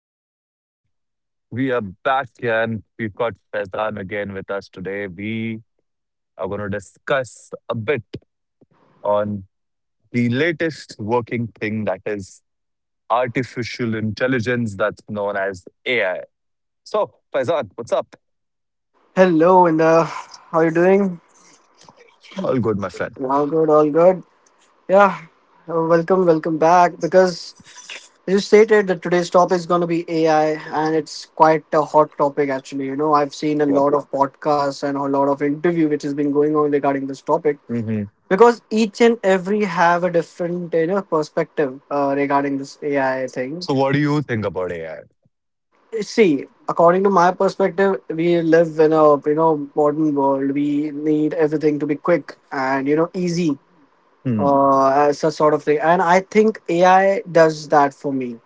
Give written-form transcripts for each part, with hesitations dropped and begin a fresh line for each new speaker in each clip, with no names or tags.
and gentlemen. We are back and we've got Faizan again with us today. We are going to discuss a bit on the latest working thing that is artificial intelligence that's known as AI. So, Faizan, what's up?
Hello, and how you doing?
All good, my friend.
All good, all good. Yeah, welcome back. Because as you stated, that today's topic is going to be AI, and it's quite a hot topic actually. You know, I've seen a
Yep.
lot of podcasts and a lot of interview which has been going on regarding this topic
hmm
because each and every have a different perspective regarding this AI thing.
So, what do you think about AI?
See, according to my perspective, we live in a modern world. We need everything to be quick and easy,
Hmm.
as a sort of thing. And I think AI does that for me,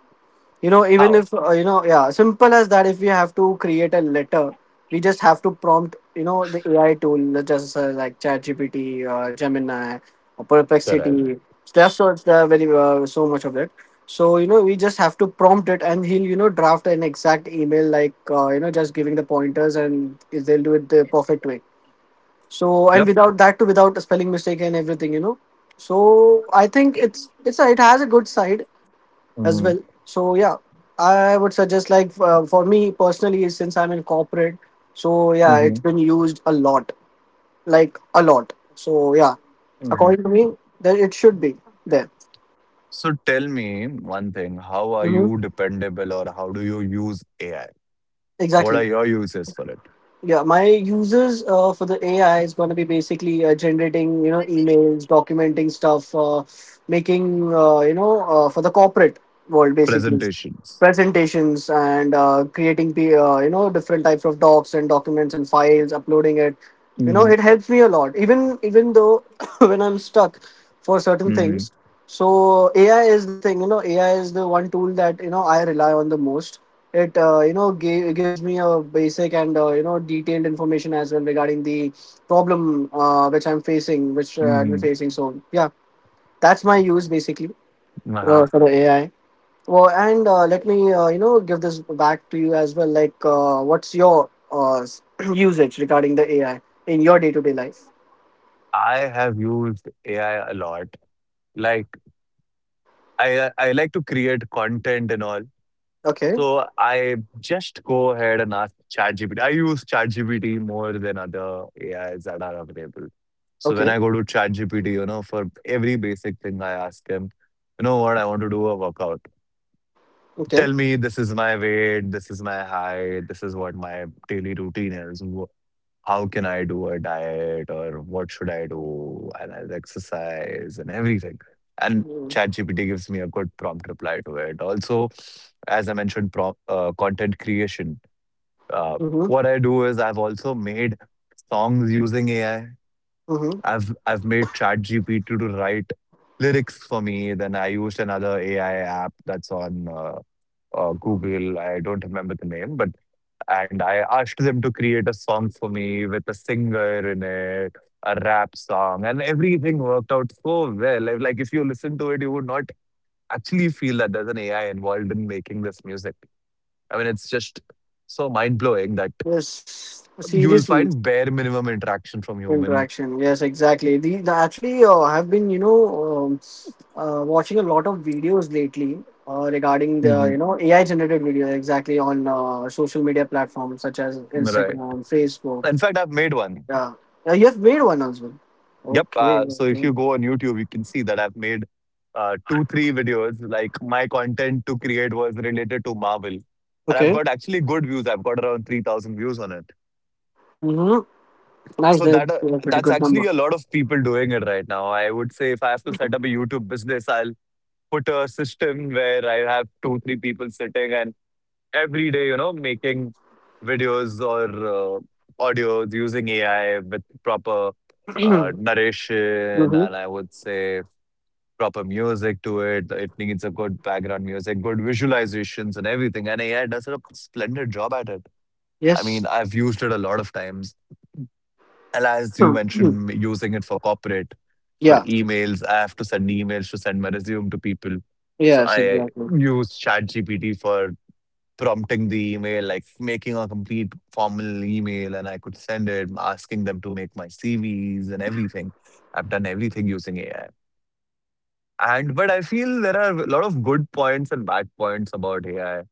even
How?
if, yeah, simple as that, if we have to create a letter, we just have to prompt, the AI tool just, like ChatGPT, Gemini, or
Correct.
Perplexity. There are very, so much of it. So, we just have to prompt it and he'll, draft an exact email, like, just giving the pointers, and they'll do it the perfect way. So, and
Yep.
without that too, without a spelling mistake and everything. So I think it has a good side as well.
hmm
So, yeah, I would suggest, like, for me personally, since I'm in corporate. So, yeah,
hmm
it's been used a lot, like a lot. So, yeah, according to
hmm
me, that it should be there.
So, tell me one thing, how are
Hmm.
you dependable or how do you use AI? What
Exactly.
are your uses for it?
Yeah, my users for the AI is going to be basically, generating, emails, documenting stuff, making, for the corporate world basically,
Presentations.
presentations, and creating the, different types of docs and documents and files, uploading it. It
hmm
helps me a lot. Even though when I'm stuck for certain
hmm
things, so AI is the thing. AI is the one tool that, I rely on the most. It, gives me a basic and, detailed information as well regarding the problem, which i'm facing which uh, i'm
hmm
facing so yeah, that's my use basically,
Uh-huh.
for the AI. Well, and let me, give this back to you as well, like, what's your, usage regarding the AI in your day-to-day life?
I have used AI a lot. Like, I like to create content and all.
Okay.
So I just go ahead and ask ChatGPT. I use ChatGPT more than other AIs that are available. So when
Okay.
I go to ChatGPT, you know, for every basic thing I ask him, you know what, I want to do a workout.
Okay.
Tell me, this is my weight, this is my height, this is what my daily routine is. How can I do a diet, or what should I do? And I'll exercise and everything. And
Mm-hmm.
ChatGPT gives me a good prompt reply to it. Also, as I mentioned, content creation. Uh,
Mm-hmm.
what I do is I've also made songs using AI.
Mm-hmm.
I've made ChatGPT to write lyrics for me. Then I used another AI app that's on Google. I don't remember the name, but and I asked them to create a song for me with a singer in it, a rap song, and everything worked out so well. Like, if you listen to it, you would not actually feel that there's an AI involved in making this music. I mean, it's just so mind blowing that
Yes,
you will
seriously.
find bare minimum interaction from human.
Interaction. Yes, exactly. The, actually, I have been, um, watching a lot of videos lately, regarding the,
Mhm.
AI generated videos, exactly, on social media platforms such as
Right.
Instagram, Facebook.
In fact, I've made one.
Yeah. Yeah, you have made one as well.
Yep.
Okay.
So if
Okay.
you go on YouTube, you can see that I've made two, three videos. Like my content to create was related to Marvel, and I've
Okay.
got actually good views. I've got around 3,000 views on it.
Mm-hmm. Nice.
So
That's a pretty
that's
good
actually
number.
a lot of people doing it right now. I would say if I have to set up a YouTube business, I'll put a system where I have two, three people sitting and every day, you know, making videos or audios using AI with proper
Mm-hmm.
narration, and I would say proper music to it. It needs a good background music, good visualizations, and everything. And AI does a splendid job at it. I mean,
Yes.
I've used it a lot of times. And as you mentioned, using it for corporate, for
Yeah.
emails, I have to send emails to send my resume to people. So
Yes,
I
exactly.
use ChatGPT for prompting the email, like making a complete formal email, and I could send it, asking them to make my CVs and everything. I've done everything using AI. And but I feel there are a lot of good points and bad points about AI.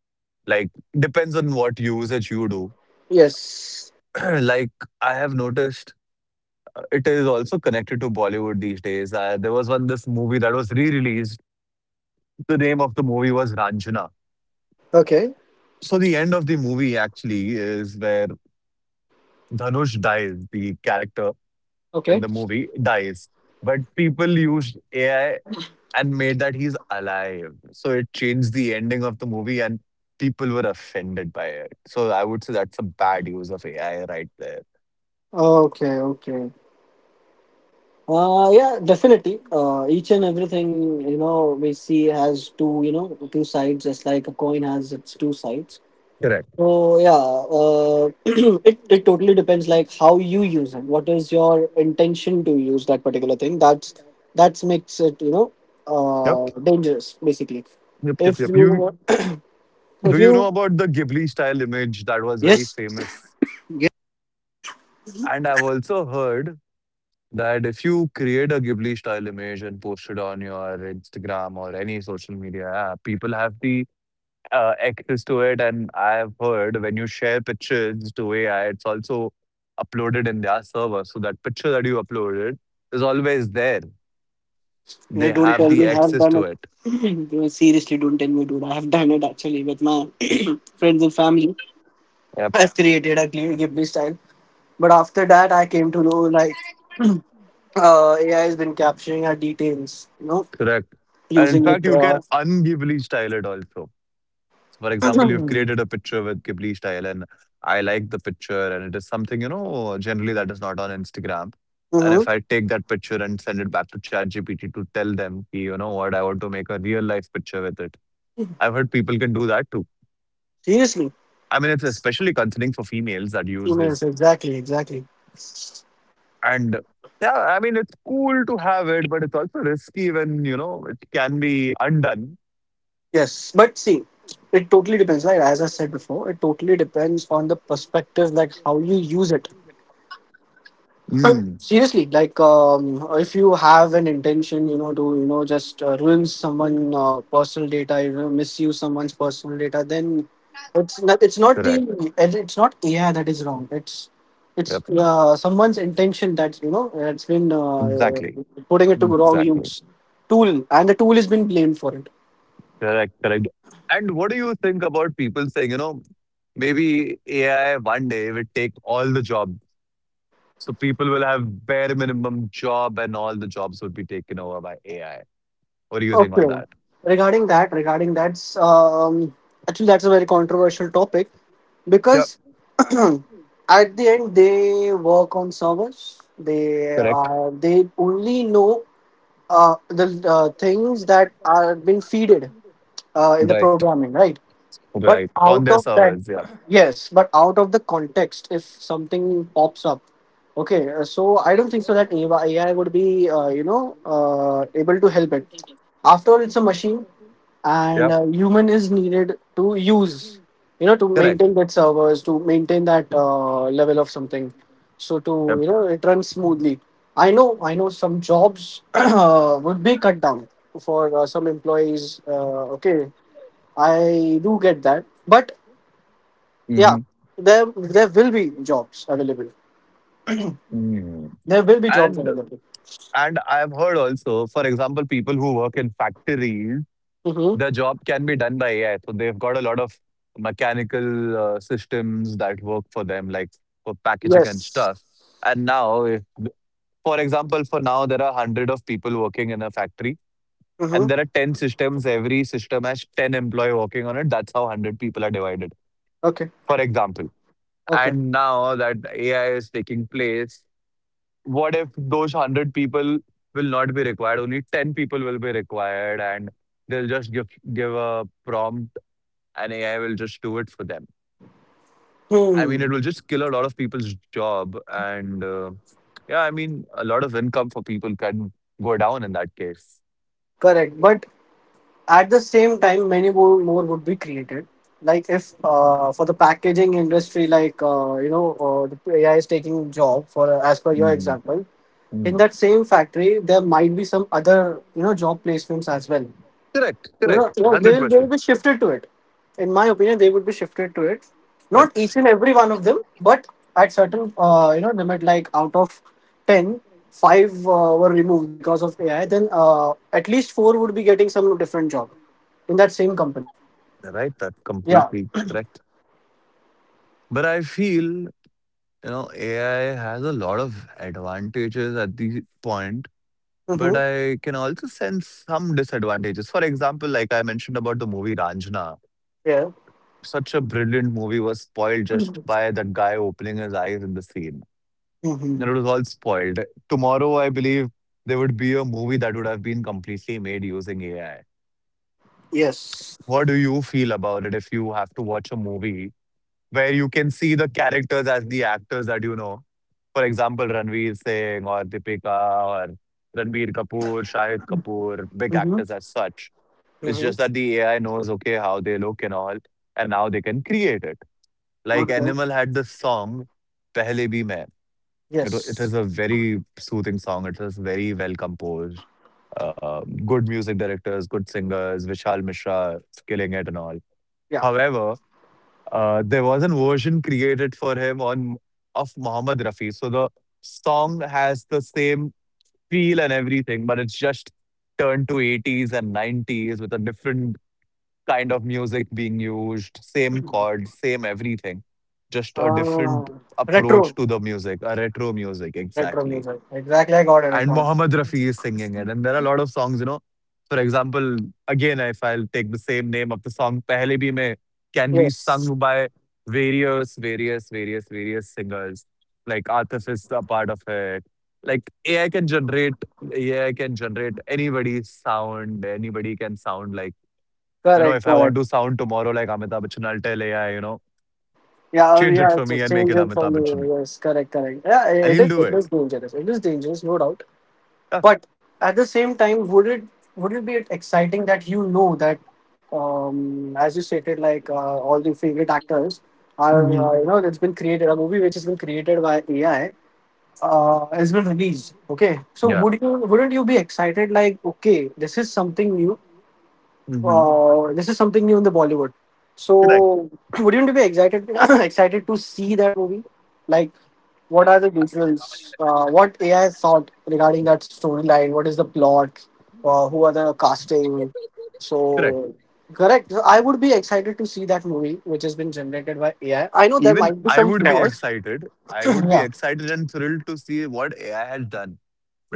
Like, depends on what usage you do.
Yes.
like, I have noticed, it is also connected to Bollywood these days. There was one this movie that was re-released. The name of the movie was Ranjana.
Okay.
So the end of the movie actually is where Dhanush dies. The character in
Okay.
the movie dies, but people used AI and made that he's alive. So it changed the ending of the movie and people were offended by it. So I would say that's a bad use of AI right there.
Okay. Okay. Yeah, definitely. Each and everything, we see has two you know two sides, just like a coin has its two sides.
Correct.
So, yeah, uh, it totally depends, like, how you use it. What is your intention to use that particular thing? That's makes it,
Yep.
dangerous basically.
Yep. Yep.
If
Yep. You
you if
do you
you
know about the Ghibli style image that was very
yes,
famous? And I've also heard that if you create a Ghibli style image and post it on your Instagram or any social media app, people have the access to it. And I've heard when you share pictures to AI, it's also uploaded in their server. So that picture that you uploaded is always there.
yeah,
They
don't
have
tell me
the
have
access
done
to
it.
it.
Seriously, don't tell me, dude. I have done it actually with my friends and family.
Yep,
I've created a Ghibli style. But after that, I came to know, like, AI has been capturing our details,
correct. And in
using
fact,
it.
you can un-Ghibli style it also. So for example, you've
Mhm.
created a picture with Ghibli style, and I like the picture, and it is something, you know, generally that is not on Instagram. And if I take that picture and send it back to ChatGPT to tell them, ki, you know what, I want to make a real life picture with it, I've heard people can do that too.
Seriously,
I mean, it's especially concerning for females that use
emails,
this.
exactly, exactly.
And yeah, I mean, it's cool to have it, but it's also risky when, you know, it can be undone.
Yes, but see, it totally depends. Like, as I said before, it totally depends on the perspective, like, how you use it.
Mm,
Seriously, like, if you have an intention, to, just, ruin someone, personal data, misuse someone's personal data, then it's not it's not the
correct.
it's not AI that is wrong. it's it's
Yep.
uh, someone's intention that, it's been,
Exactly.
putting it to wrong
Exactly.
use tool, and the tool has been blamed for it.
Correct. Correct. And what do you think about people saying, you know, maybe AI one day will take all the jobs? So people will have bare minimum job and all the jobs will be taken over by AI. What do you think on
Okay,
that?
regarding that's, actually that's a very controversial topic,
Yep.
because at the end, they work on servers. They
Correct.
uh, they only know, the, things that are been feeded, in the
Right.
programming, right? But
Right.
out
On their
of that,
servers. Yep.
yes. But out of the context, if something pops up, okay. So I don't think so that AI would be, able to help it. After all, it's a machine, and
Yep.
human is needed to use, to
Correct.
maintain that servers, to maintain that, level of something, so, to,
Yep.
it runs smoothly. I know some jobs would be cut down for, some employees, okay, I do get that, but yeah,
hmm
there there will be jobs available.
Mm.
There will be jobs
And
available.
and I've heard also, for example, people who work in factories,
Mm-hmm.
their job can be done by AI. So they've got a lot of mechanical systems that work for them, like for packaging and
Yes.
stuff. And now, if, for example, for now there are hundred of people working in a factory,
Mm-hmm.
and there are ten systems. Every system has ten employee working on it. That's how hundred people are divided.
Okay.
For example,
Okay.
and now that AI is taking place, what if those 100 people will not be required? Only 10 people will be required, and they'll just give, give a prompt, and AI will just do it for them. I mean,
Hmm.
it will just kill a lot of people's job. And yeah, I mean, a lot of income for people can go down in that case.
Correct, but at the same time, many more would be created. Like, if for the packaging industry, like, the AI is taking job for, as per your
Mhm.
example.
Mm.
In that same factory, there might be some other job placements as well.
Correct, correct.
They will they
100%.
will be shifted to it. In my opinion, they would be shifted to it. Not each
That's
and every one of them, but at certain, limit, like out of 10, five, were removed because of AI, then at least four would be getting some different job in that same company.
right. That's
Yeah.
completely correct. But I feel, you know, AI has a lot of advantages at the point, but
Mm-hmm.
I can also sense some disadvantages. For example, like I mentioned about the movie Ranjana,
Yeah.
such a brilliant movie was spoiled just by that guy opening his eyes in the scene. And
Mm-hmm.
it was all spoiled. Tomorrow, I believe there would be a movie that would have been completely made using AI.
Yes.
What do you feel about it if you have to watch a movie where you can see the characters as the actors that you know? For example, Ranveer Singh or Deepika or Ranbir Kapoor, Shahid Kapoor, big
Mm-hmm.
actors as such. It's
Mm-hmm.
just that the AI knows, okay, how they look and all, and now they can create it. Like
Okay.
Animal had this song, Pehle Bhi Main. It
Yes.
is a very soothing song. It is very well composed. Good music directors, good singers, Vishal Mishra is killing it and all.
Yeah.
However, there was an version created for him on of Mohammed Rafi. So the song has the same feel and everything, but it's just turned to 80s and 90s with a different kind of music being used, same chords, same everything. Just a different
Ah,
approach
retro.
to the music, a retro music,
Retro
exactly.
music. Exactly. I got it. I
And
got
Mohammed Rafi is singing
it.
it. And there are a lot of songs, you know. For example, again, if I'll take the same name of the song, Pehle Bhi Main can be
Yes.
sung by various singers. Like Atif is a part of it. Like AI can generate, AI can generate anybody's sound. Anybody can sound like, you know,
Correct.
if I want
Correct.
to sound tomorrow like Amitabh Bachchan, I'll tell AI, you know,
Yeah, we
change it
have
for
to
me and make
change
it
it from
Amitabh Bachchan.
the, yes, correct, correct. Yeah,
And
it
he'll
is
do
it
it.
is dangerous. It is dangerous, no doubt.
Yeah.
But at the same time, would it be exciting, that, that, as you stated, like, all the favorite actors are,
Mhm.
it's been created a movie which has been created by AI, has been released? Okay, so
Yeah.
wouldn't you be excited, like, okay, this is something new,
hmm
this is something new in the Bollywood.
Correct.
So, wouldn't you be excited excited to see that movie? Like, what are the visuals? What AI thought regarding that storyline? What is the plot? Who are the casting?
Correct.
So, correct. So, I would be excited to see that movie, which has been generated by AI. I know there
Even
might be
I
some
would be
flaws.
excited. I would be
Yeah.
excited and thrilled to see what AI has done.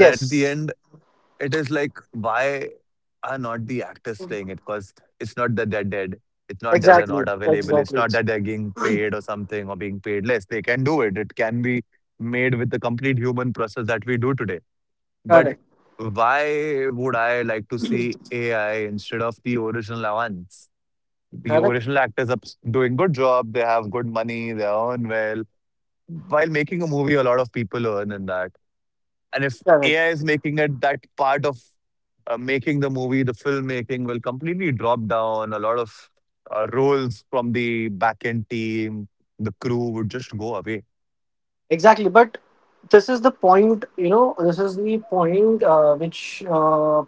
But at the end, it is like, why are not the actors playing it? Because it's not that they're dead. It's not that they're not
Exactly.
available. It's
Exactly.
not that they're getting paid or something or being paid less. They can do it. It can be made with the complete human process that we do today. But
Correct.
why would I like to see AI instead of the original ones? The
Correct.
original actors are doing good job. They have good money. They earn well while making a movie, a lot of people earn in that. And if
Correct.
AI is making it, that part of making the movie, the filmmaking will completely drop down. A lot of roles from the backend team, the crew would just go away.
Exactly. But this is the point. This is the point, which,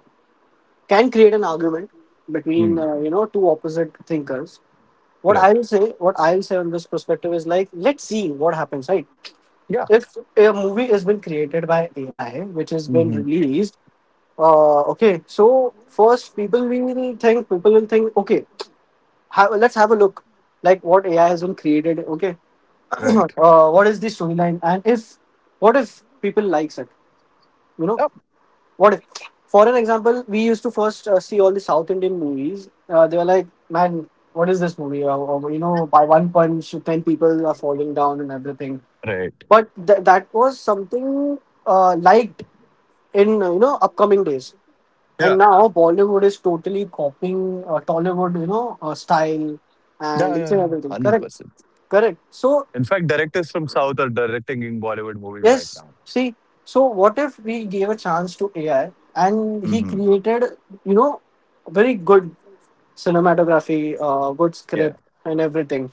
can create an argument between,
Mm,
two opposite thinkers. what
correct.
I'll say, what I'll say on this perspective is, like, let's see what happens, right?
Yeah.
If a movie has been created by AI, which has been
hmm
released, okay, so first, people will think, okay, let's have a look, like, what AI has been created, okay,
Right.
what is the storyline, and, if, what if people likes it, you know,
Yep.
what if, for an example, we used to first, see all the South Indian movies. They were like, man, what is this movie, or, you know, by one punch 10 people are falling down and everything.
Right.
But that was something, liked, in, upcoming days, and
Yeah.
now Bollywood is totally copying, Tollywood, style,
Yeah.
and
Yeah.
each and
Yeah.
everything,
Hundred
correct,
percent.
correct. So,
In fact, directors from South are directing in Bollywood movies right
yes,
now.
see, so what if we gave a chance to AI, and he
hmm
created, you know very good cinematography, good script,
Yeah.
and everything.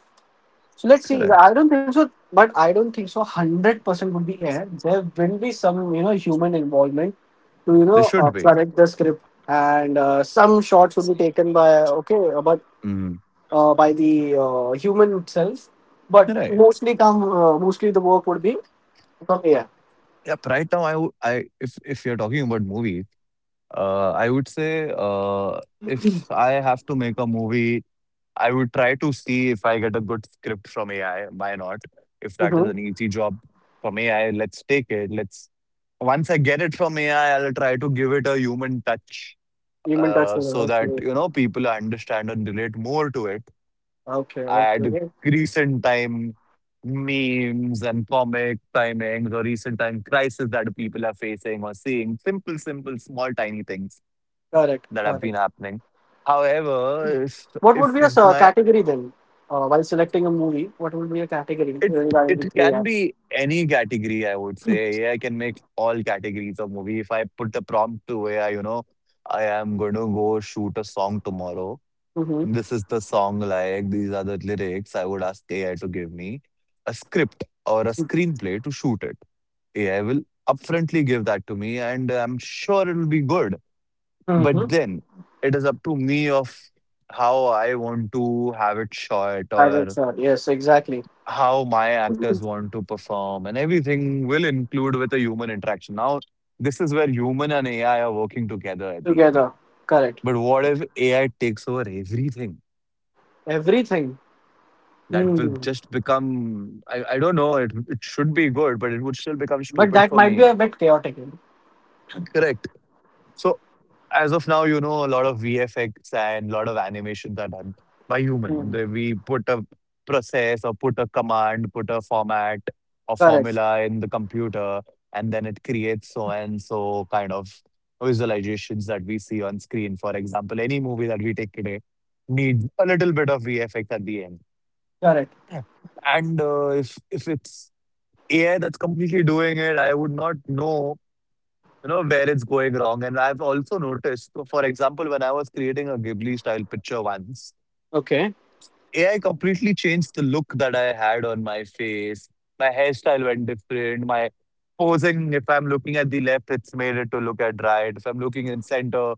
So, let's see. I
Correct.
don't think so, but I don't think so. 100% would be air. There will be some, you know, human involvement to,
They should be.
correct the script, and, some shots will be taken by, okay, but,
Mhm.
by the, human itself. But
Right.
mostly the work would be from air.
Yep. Right now, I would, I if you're talking about movie, I would say if I have to make a movie, I would try to see if I get a good script from AI. Why not? If that is an
Mm-hmm.
easy job from AI, let's take it. Let's Once I get it from AI, I'll try to give it a human touch,
Human touch.
so that you know people understand and relate more to it.
Okay,
I
okay,
had
okay.
recent time memes and comic timings or recent time crisis that people are facing or seeing. Simple, small, tiny things
Correct,
that have
correct.
been happening. However,
What would
if
be a,
my
category, then? While selecting a movie, what would be a category
it
regarding
it
with
can
AI?
be any category, I would say. AI can make all categories of movie. If I put the prompt to AI, you know, I am going to go shoot a song tomorrow.
Mm-hmm.
This is the song, like, these are the lyrics. I would ask AI to give me a script or a screenplay to shoot it. AI will upfrontly give that to me, and I'm sure it'll be good. But
Mm-hmm.
then it is up to me of how I want to have it shot
I will,
or
sir. Yes, exactly.
how my
Mhm.
actors want to perform, and everything will include with a human interaction. Now, this is where human and AI are working together at the end.
Together. Correct.
But what if AI takes over everything?
Everything.
That will
Hmm.
just become I don't know, it should be good, but it would still become
But
stupid
that
for
might be
me.
a bit chaotic.
Correct. So as of now, you know, a lot of VFX and a lot of animations are done by human.
Hmm.
We put a process or put a command, put a format or
Correct.
formula in the computer, and then it creates so and so kind of visualizations that we see on screen. For example, any movie that we take today needs a little bit of VFX at the end.
Correct.
And if it's AI that's completely doing it, I would not know, you know, where it's going wrong. And I've also noticed, so for example, when I was creating a Ghibli style picture once,
Okay.
AI completely changed the look that I had on my face. My hairstyle went different. My posing, if I'm looking at the left, it's made it to look at right. If I'm looking in center,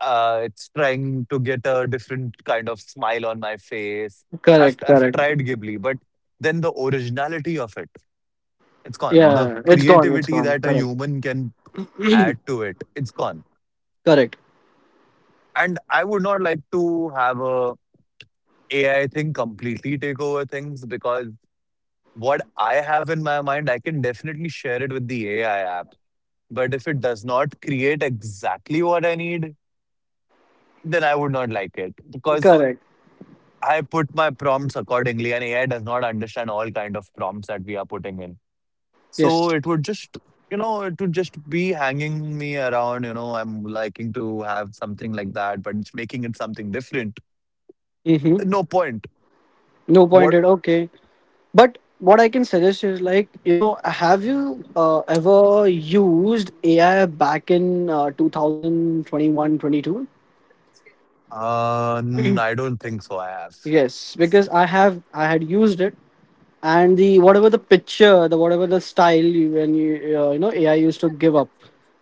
it's trying to get a different kind of smile on my face.
Correct.
I've
Correct.
tried Ghibli, but then the originality of it. It's gone. The
Yeah. It's gone. It's
creativity
gone.
that a
Correct.
human can add to it, it's gone.
Correct.
And I would not like to have a AI thing completely take over things, because what I have in my mind, I can definitely share it with the AI app. But if it does not create exactly what I need, then I would not like it, because
Correct.
I put my prompts accordingly, and AI does not understand all kind of prompts that we are putting in.
Yes.
So it would just, you know, it would just be hanging me around. You know, I'm liking to have something like that, but it's making it something different.
Mm-hmm.
No point.
No
What?
pointed. Okay. But what I can suggest is like, have you ever used AI back in 2021?
I don't think so. I have.
Yes, because I had used it. And the whatever the picture, the whatever the style you, when you, you know, AI used to give up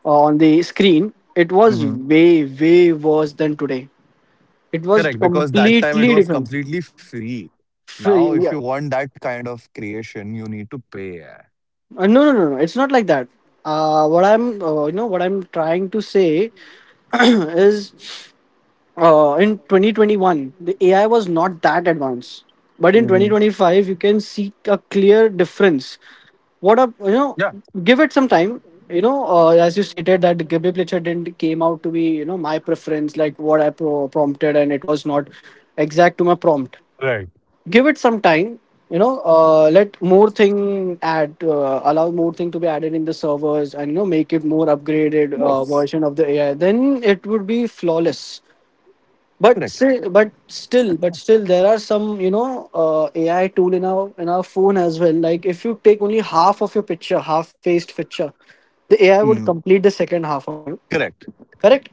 on the screen, it was
Hmm.
way, way worse than today. It was
Correct, because that time it
completely
was
different.
completely free.
F-
Now, if you
yeah.
want that kind of creation, you need to pay. Yeah.
No, no, no, no. It's not like that. What I'm trying to say is, in 2021, the AI was not that advanced, but in 2025, you can see a clear difference. What a, you know,
Yeah.
Give it some time. As you stated that Gabriel Pletcher didn't came out to be, my preference, like what I prompted, and it was not exact to my prompt.
Right.
Give it some time. Let more thing add allow more thing to be added in the servers, and make it more upgraded
Yes.
version of the AI. Then it would be flawless. But
Correct.
still there are some AI tool in our phone as well. Like if you take only half of your picture, half faced picture, the AI would
Mhm.
complete the second half of you.
Correct.
Correct?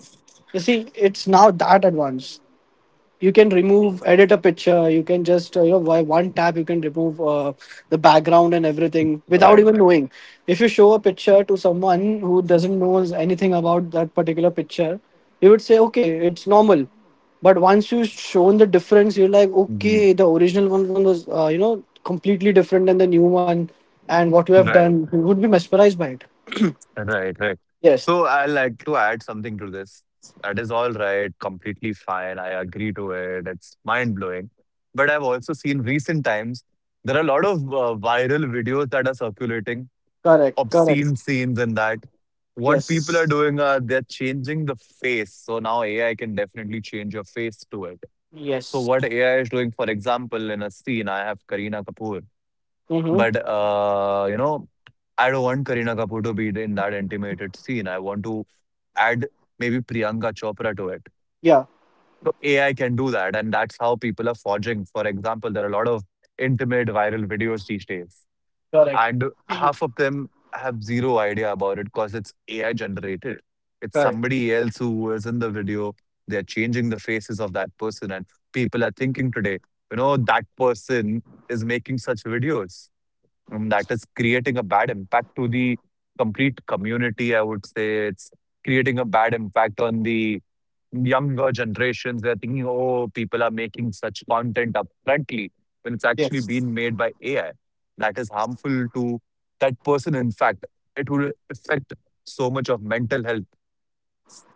You see it's now that advanced. You can remove, edit a picture. You can just by one tap you can remove the background and everything without even
Right.
knowing. If you show a picture to someone who doesn't knows anything about that particular picture, you would say okay, it's normal. But once you shown the difference, you're like
Mhm.
okay, one was completely different than the new one, and what you have
Right.
done, you would be mesmerized by it.
Right, right.
Yes.
So I like to add something to this. That is all right, completely fine. I agree to it. It's mind blowing. But I've also seen recent times there are a lot of viral videos that are circulating,
Correct, correct.
obscene scenes and that. What people are
Yes,
doing are they're changing the face. So now AI can definitely change your face to it. So
yes.
what AI is doing, for example, in a scene, I have Kareena Kapoor.
Mm-hmm.
But, you know, I don't want Kareena Kapoor to be in that intimated scene. I want to add maybe Priyanka Chopra to it.
Yeah.
So AI can do that, and that's how people are forging. For example, there are a lot of intimate viral videos these days,
Correct,
and half of them have zero idea about it because it's AI generated. It's
correct.
somebody else who is in the video. They're changing the faces of that person, and people are thinking today, you know, that person is making such videos. That is creating a bad impact to the complete community. I would say it's creating a bad impact on the younger generations. They're thinking, oh, people are making such content upfrontly when it's actually
Yes.
being made by AI. That is harmful to that person. In fact, it would affect so much of mental health.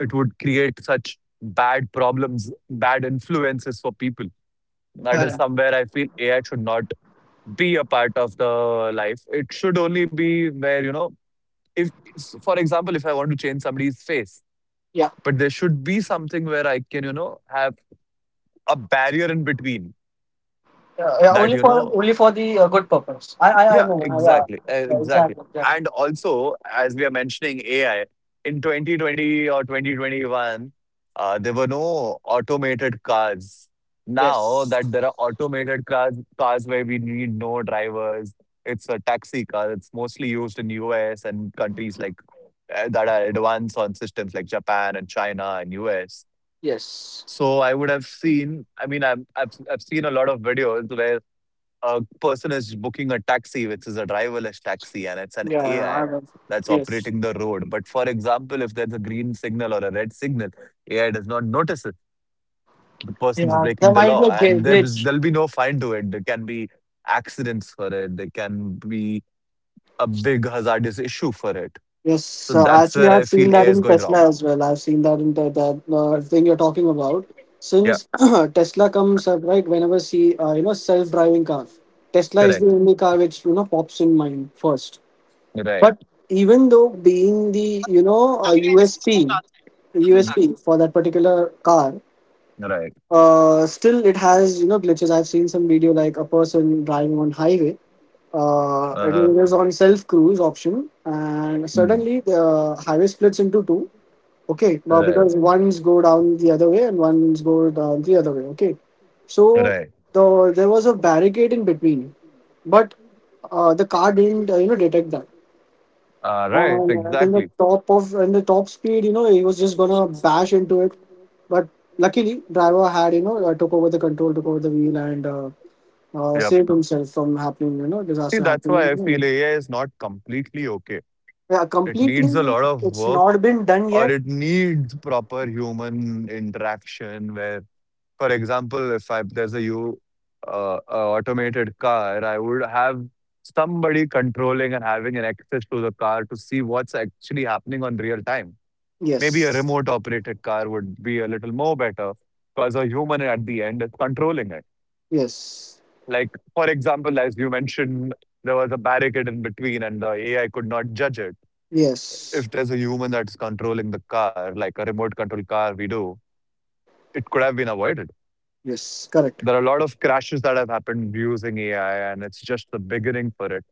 It would create such bad problems, bad influences for people. That is
Correct.
somewhere I feel AI should not be a part of the life. It should only be where, you know, for example, if I want to change somebody's face,
Yeah.
but there should be something where I can, you know, have a barrier in between
Yeah, yeah,
that,
only
you
for
know,
the good purpose. I
yeah,
know. Yeah.
exactly.
Yeah.
Exactly.
Exactly, exactly.
And also, as we are mentioning AI, in 2020 or 2021, there were no automated cars. Now
Yes.
that there are automated cars, cars where we need no drivers, it's a taxi car. It's mostly used in US and countries like that are advanced on systems like Japan and China and US.
Yes.
So I would have seen. I mean, I've seen a lot of videos where a person is booking a taxi, which is a driverless taxi, and it's an
Yeah, I
AI
know.
that's
Yes.
operating the road. But for example, if there's a green signal or a red signal, AI does not notice it. The person's
Yeah.
breaking
There
the
might be
law,
a
and
glitch.
there'll be no fine to it. There can be accidents for it. There can be a big hazardous issue for it.
Yes.
So that's
Actually,
where I
I've
feel
seen that
AI is
in
going wrong.
Tesla as well. I've seen that in the thing you're talking about.
Yeah,
Since Tesla comes up right whenever see self driving car. Tesla is the
correct.
only car which pops in mind first.
Right.
But even though being the you know a
Mhm.
USP for that particular car,
Right.
still it has glitches. I've seen some video like a person driving on highway,
Uh-huh.
and it is on self cruise option, and
Mm.
suddenly the highway splits into two. Okay, well,
Right.
because ones go down the other way and ones go down the other way. Okay, so
Right.
there was a barricade in between, but the car didn't detect that,
Right.
and at
Exactly.
in the top speed, he was just gonna bash into it. But luckily, driver had took over the control, took over the wheel, and
Yeah.
saved himself from happening. You know,
See,
disaster
that's why I feel
happening.
AI is not completely okay.
Yeah,
It needs a
completely.
lot of
It's
work,
not been done
or
yet.
it needs proper human interaction where, for example, if I, there's a you a automated car, I would have somebody controlling and having an access to the car to see what's actually happening on real time. Maybe a
Yes.
remote operated car would be a little more better, because a human at the end is controlling it.
Yes.
Like, for example, as you mentioned, there was a barricade in between and the AI could not judge it.
Yes.
If there's a human that's controlling the car, like a remote control car we do, it could have been avoided.
Yes. Correct.
There are a lot of crashes that have happened using AI, and it's just the beginning for it.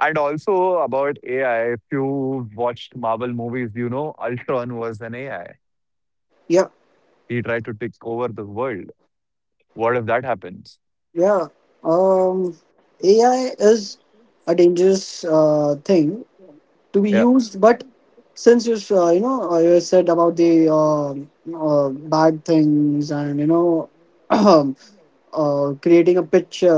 And also about AI, if you watched Marvel movies, you know Ultron was an AI.
Yeah.
He tried to take over the world. What if that happens?
Yeah. Um, AI is a dangerous thing to be
Yeah.
used. But since you s- you know you said about the uh, uh, bad things, and creating a picture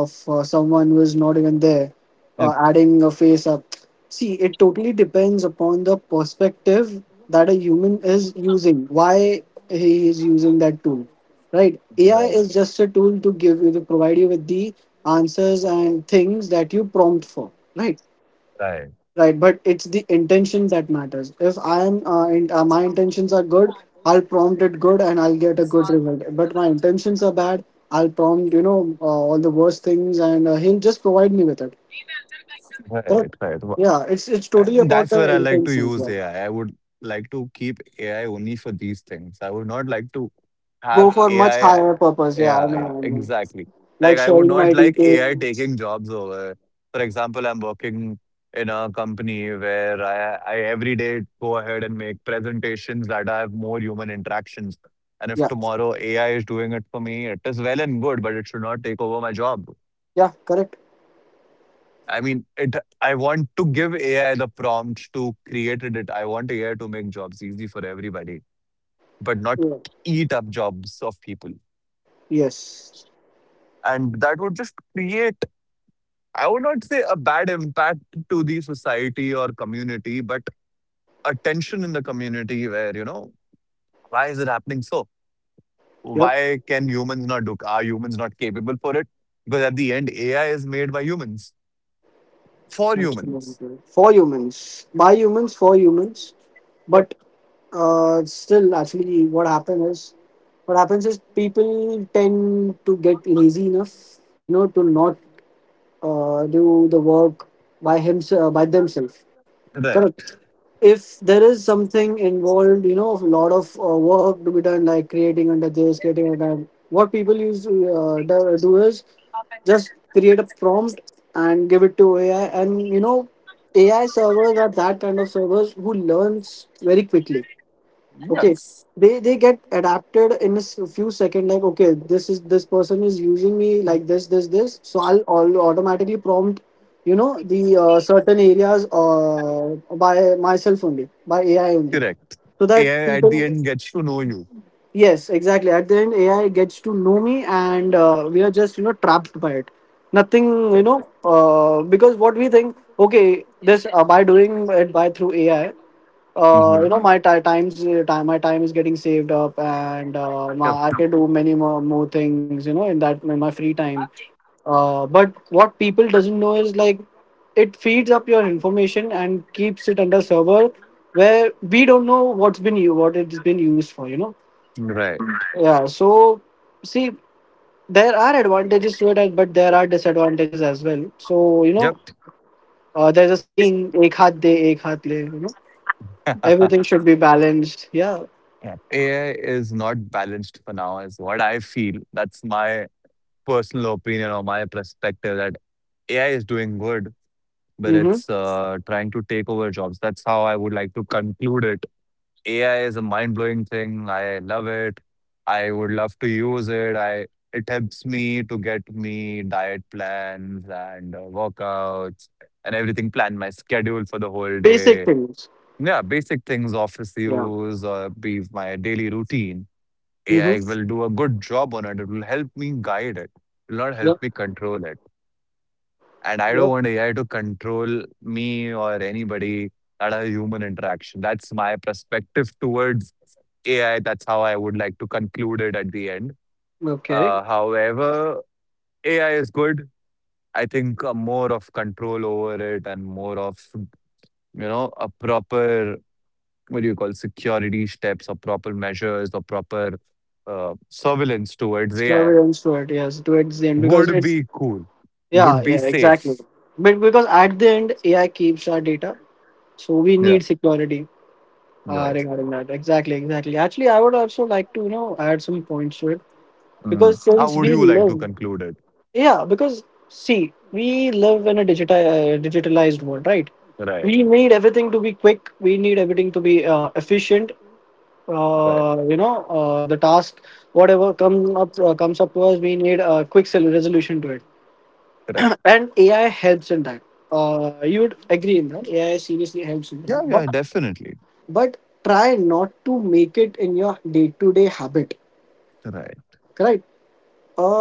of someone who is not even there,
Yep.
adding a face up. See, it totally depends upon the perspective that a human is using, why he is using that tool, right? AI
Right.
is just a tool to give you, to provide you with the answers and things that you prompt for, right?
Right.
Right, but it's the intention that matters. If I am my intentions are good, I'll prompt it good and I'll get a good result. But my intentions are bad, I'll prompt all the worst things, and he'll just provide me with it. Correct?
Right, right.
Yeah, it's totally
And
about
that's
the
where I like to
intentions.
use
Yeah.
AI. I would like to keep AI only for these things. I would not like to
Go
have
for much
AI.
higher purpose. Yeah, I
Yeah, yeah,
know, I know.
exactly.
Like
Like, I would
sharing
not
my
like AI
details.
taking jobs over. For example, I'm working in a company where I every day go ahead and make presentations that have more human interactions. And if
Yeah,
tomorrow AI is doing it for me, it is well and good, but it should not take over my job.
yeah, correct.
I mean, it. I want to give AI the prompt to create it. I want AI to make jobs easy for everybody, but not
Yeah.
eat up jobs of people.
Yes.
And that would just create, I would not say a bad impact to the society or community, but a tension in the community where, you know, why is it happening so?
Yep.
Why can humans not do? Are humans not capable for it? Because at the end, AI is made by humans for
Absolutely
humans.
correct. For humans, by humans, for humans.
Yep.
But uh, still, actually, what happens is people tend to get lazy enough, you know, to not do the work by themselves.
Right.
Correct. If there is something involved, you know, a lot of work to be done, like creating under this, creating under that, what people use to do is just create a prompt and give it to AI, and you know, AI servers are that kind of servers who learns very quickly. Okay,
Yes.
they get adapted in a few seconds. Like okay, this person is using me like this, so I'll automatically prompt the certain areas by myself, only by AI only,
Correct.
so that
AI at
people.
the end gets to know you.
Yes, exactly. At the end, AI gets to know me, and we are just trapped by it. Nothing, you know
Right.
because what we think, okay, this by doing it by through AI,
Hmm.
my ti times time my time is getting saved up, and
Yep.
I can do more things, you know, in that in my free time. But what people doesn't know is like it feeds up your information and keeps it under server, where we don't know what's been you what it's been used for, you know.
Right.
Yeah, so see, there are advantages to it, but there are disadvantages as well, so you know,
Yep.
there's a saying, ek haath de ek haath le, you know, everything should be balanced. Yeah.
Yeah. AI is not balanced for now, is what I feel. That's my personal opinion or my perspective that AI is doing good, but
Mm-hmm.
it's trying to take over jobs. That's how I would like to conclude it. AI is a mind-blowing thing. I love it. I would love to use it. I It helps me to get me diet plans and workouts and everything. Plan my schedule for the whole
Basic
day.
things.
Yeah, basic things, office
Yeah.
use or be my daily routine.
Mm-hmm.
AI will do a good job on it. It will help me guide it. It will not help
Yep.
me control it. And I don't
Yep.
want AI to control me or anybody at a human interaction. That's my perspective towards AI. That's how I would like to conclude it at the end.
Okay.
However, AI is good. I think more of control over it, and more of, you know, a proper, what do you call, security steps or proper measures or proper surveillance towards AI
Surveillance for it. Yes. Towards the end, because
would
it's
be cool,
yeah,
would be
yeah, exactly.
safe.
But because at the end, AI keeps our data, so we
Yeah,
need security
you're right.
regarding that. Exactly, exactly. Actually, I would also like to add some points to it,
Mm.
because
How
since
would
we
you like to
live,
conclude it?
yeah, because see, we live in a digitalized world, right?
Right,
We need everything to be quick. We need everything to be efficient.
right,
The task, whatever come up comes up to us, we need a quick resolution to it,
correct.
and AI helps in that. You would agree in that, AI seriously helps in
Yeah,
that,
yeah,
but
definitely.
but try not to make it in your day-to-day habit.
Right.
Correct.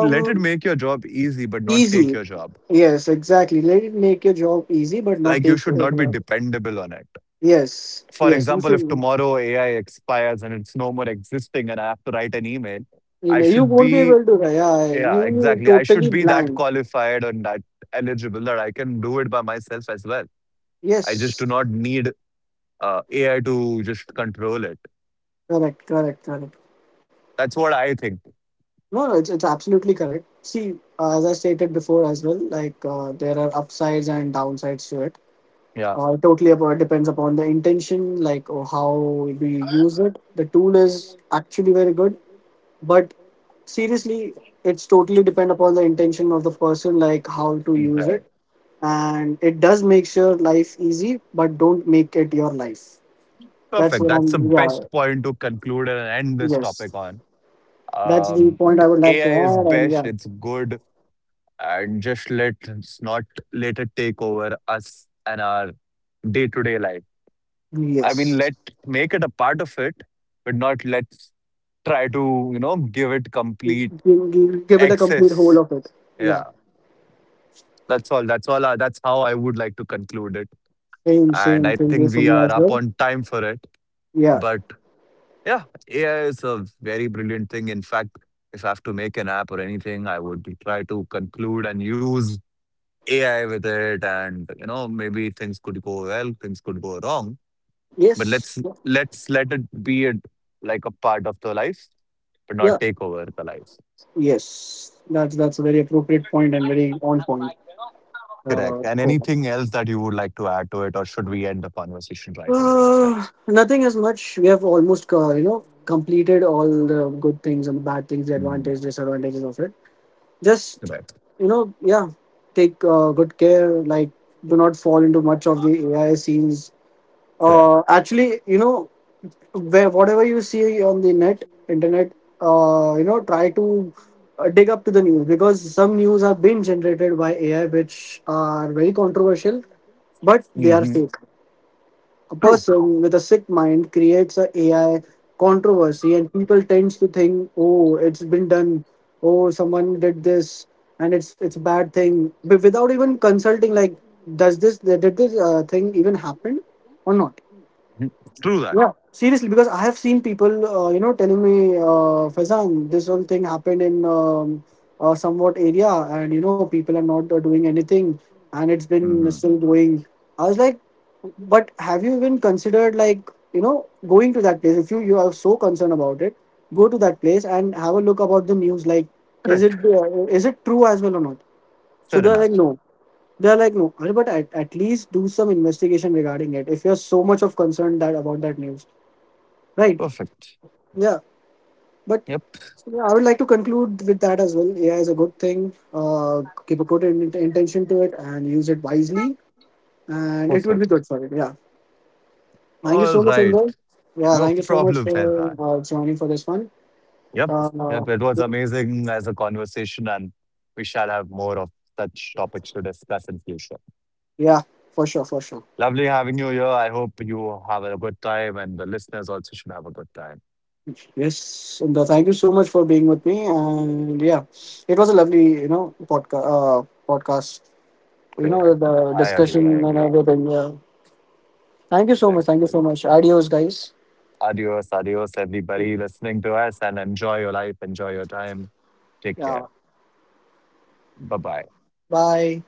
Let it make your job easy, but not take
easy.
your job.
Yes, exactly. Let it make your job easy, but not
Like, you
take
should not be
forever.
dependable on it.
Yes,
For
yes, you
example, if
should.
tomorrow AI expires and it's no more existing and I have to write an email,
You
I
know, you
should
won't be
be,
able to, yeah,
yeah,
you
exactly. I
totally
should be that
blind.
qualified and that eligible that I can do it by myself as well. I just do
Yes.
not need AI to just control it.
Correct, correct, correct.
That's what I think.
No, no, it's absolutely correct. See, as I stated before as well, like there are upsides and downsides to it.
Yeah.
Totally about depends upon the intention, like or how do you use it. The tool is actually very good, but seriously, it's totally depend upon the intention of the person, like how to use it.
Right.
And it does make sure life easy, but don't make it your life. That's
Perfect.
what
That's the
I'm. Yeah,
best point to conclude and end this topic
yes,
on.
that's
Uh,
the point I would like to
AI is
add. And
best.
yeah,
It's good, and just let us not let it take over us and our day-to-day life. I mean,
yes.
let make it a part of it, but not let's try to, you know, give it complete
Give give it a complete whole
access.
of it. Yeah,
Yeah, that's all. That's all. That's how I would like to conclude it.
same,
And
same
I
thing
think
goes
we
for me
are
as
up
well.
on time for it.
Yeah,
But yeah, AI is a very brilliant thing. In fact, if I have to make an app or anything, I would try to conclude and use AI with it, and you know maybe things could go well, things could go wrong. But
yes,
let's let it be it like a part of the life, but not
yeah,
take over the life.
yes. That's a very appropriate point and very on point.
Correct. And
Cool.
anything else that you would like to add to it, or should we end the conversation right away, my friend?
Nothing as much. We have almost completed all the good things and the bad things, the
Mm,
advantages, disadvantages of it. Just
correct.
you know, yeah, take good care. Like, do not fall into much of the AI scenes.
Correct.
Actually, you know, where whatever you see on the net internet, try to dig up to the news, because some news are being generated by AI which are very controversial, but they are
Hmm.
fake. A
True.
person with a sick mind creates a AI controversy, and people tends to think, oh, it's been done, oh, someone did this, and it's a bad thing, but without even consulting, like, does this did this thing even happen or not.
Mhm. True that.
Yeah, seriously, because I have seen people, telling me, Faizan, this whole thing happened in somewhat area, and you know, people are not doing anything, and it's been
Mhm.
still going. I was like, but have you even considered, like, you know, going to that place? If you are so concerned about it, go to that place and have a look about the news. Like,
Correct.
is it true as well or not? So
Fair
they're
enough.
like, no. They're like, no. Arey, but at least do some investigation regarding it. If you're so much of concern that about that news, right?
Perfect.
Yeah, but
Yep.
yeah, I would like to conclude with that as well. AI is a good thing. Keep a good intention to it and use it wisely, and it would be
Perfect.
good for it. Yeah. Thank you
All
so much,
right.
Indra. Yeah,
No
thank you so much
problem,
for
Faizan.
joining for this one.
Yep.
Uh,
Yep. It was amazing as a conversation, and we shall have more of such topics to discuss in future.
yeah, for sure, for sure.
Lovely having you here. I hope you have a good time, and the listeners also should have a good time.
Yes, Indra, thank you so much for being with me. And yeah, it was a lovely, you know, podcast. You know,
Correct.
the
I agree. I
discussion and
agree.
everything. Yeah. Thank you so much.
Correct.
Thank you so much. Adios, guys.
Adios, adios, everybody listening to us, and enjoy your life. Enjoy your time. Take care.
Yeah.
Bye bye.
Bye.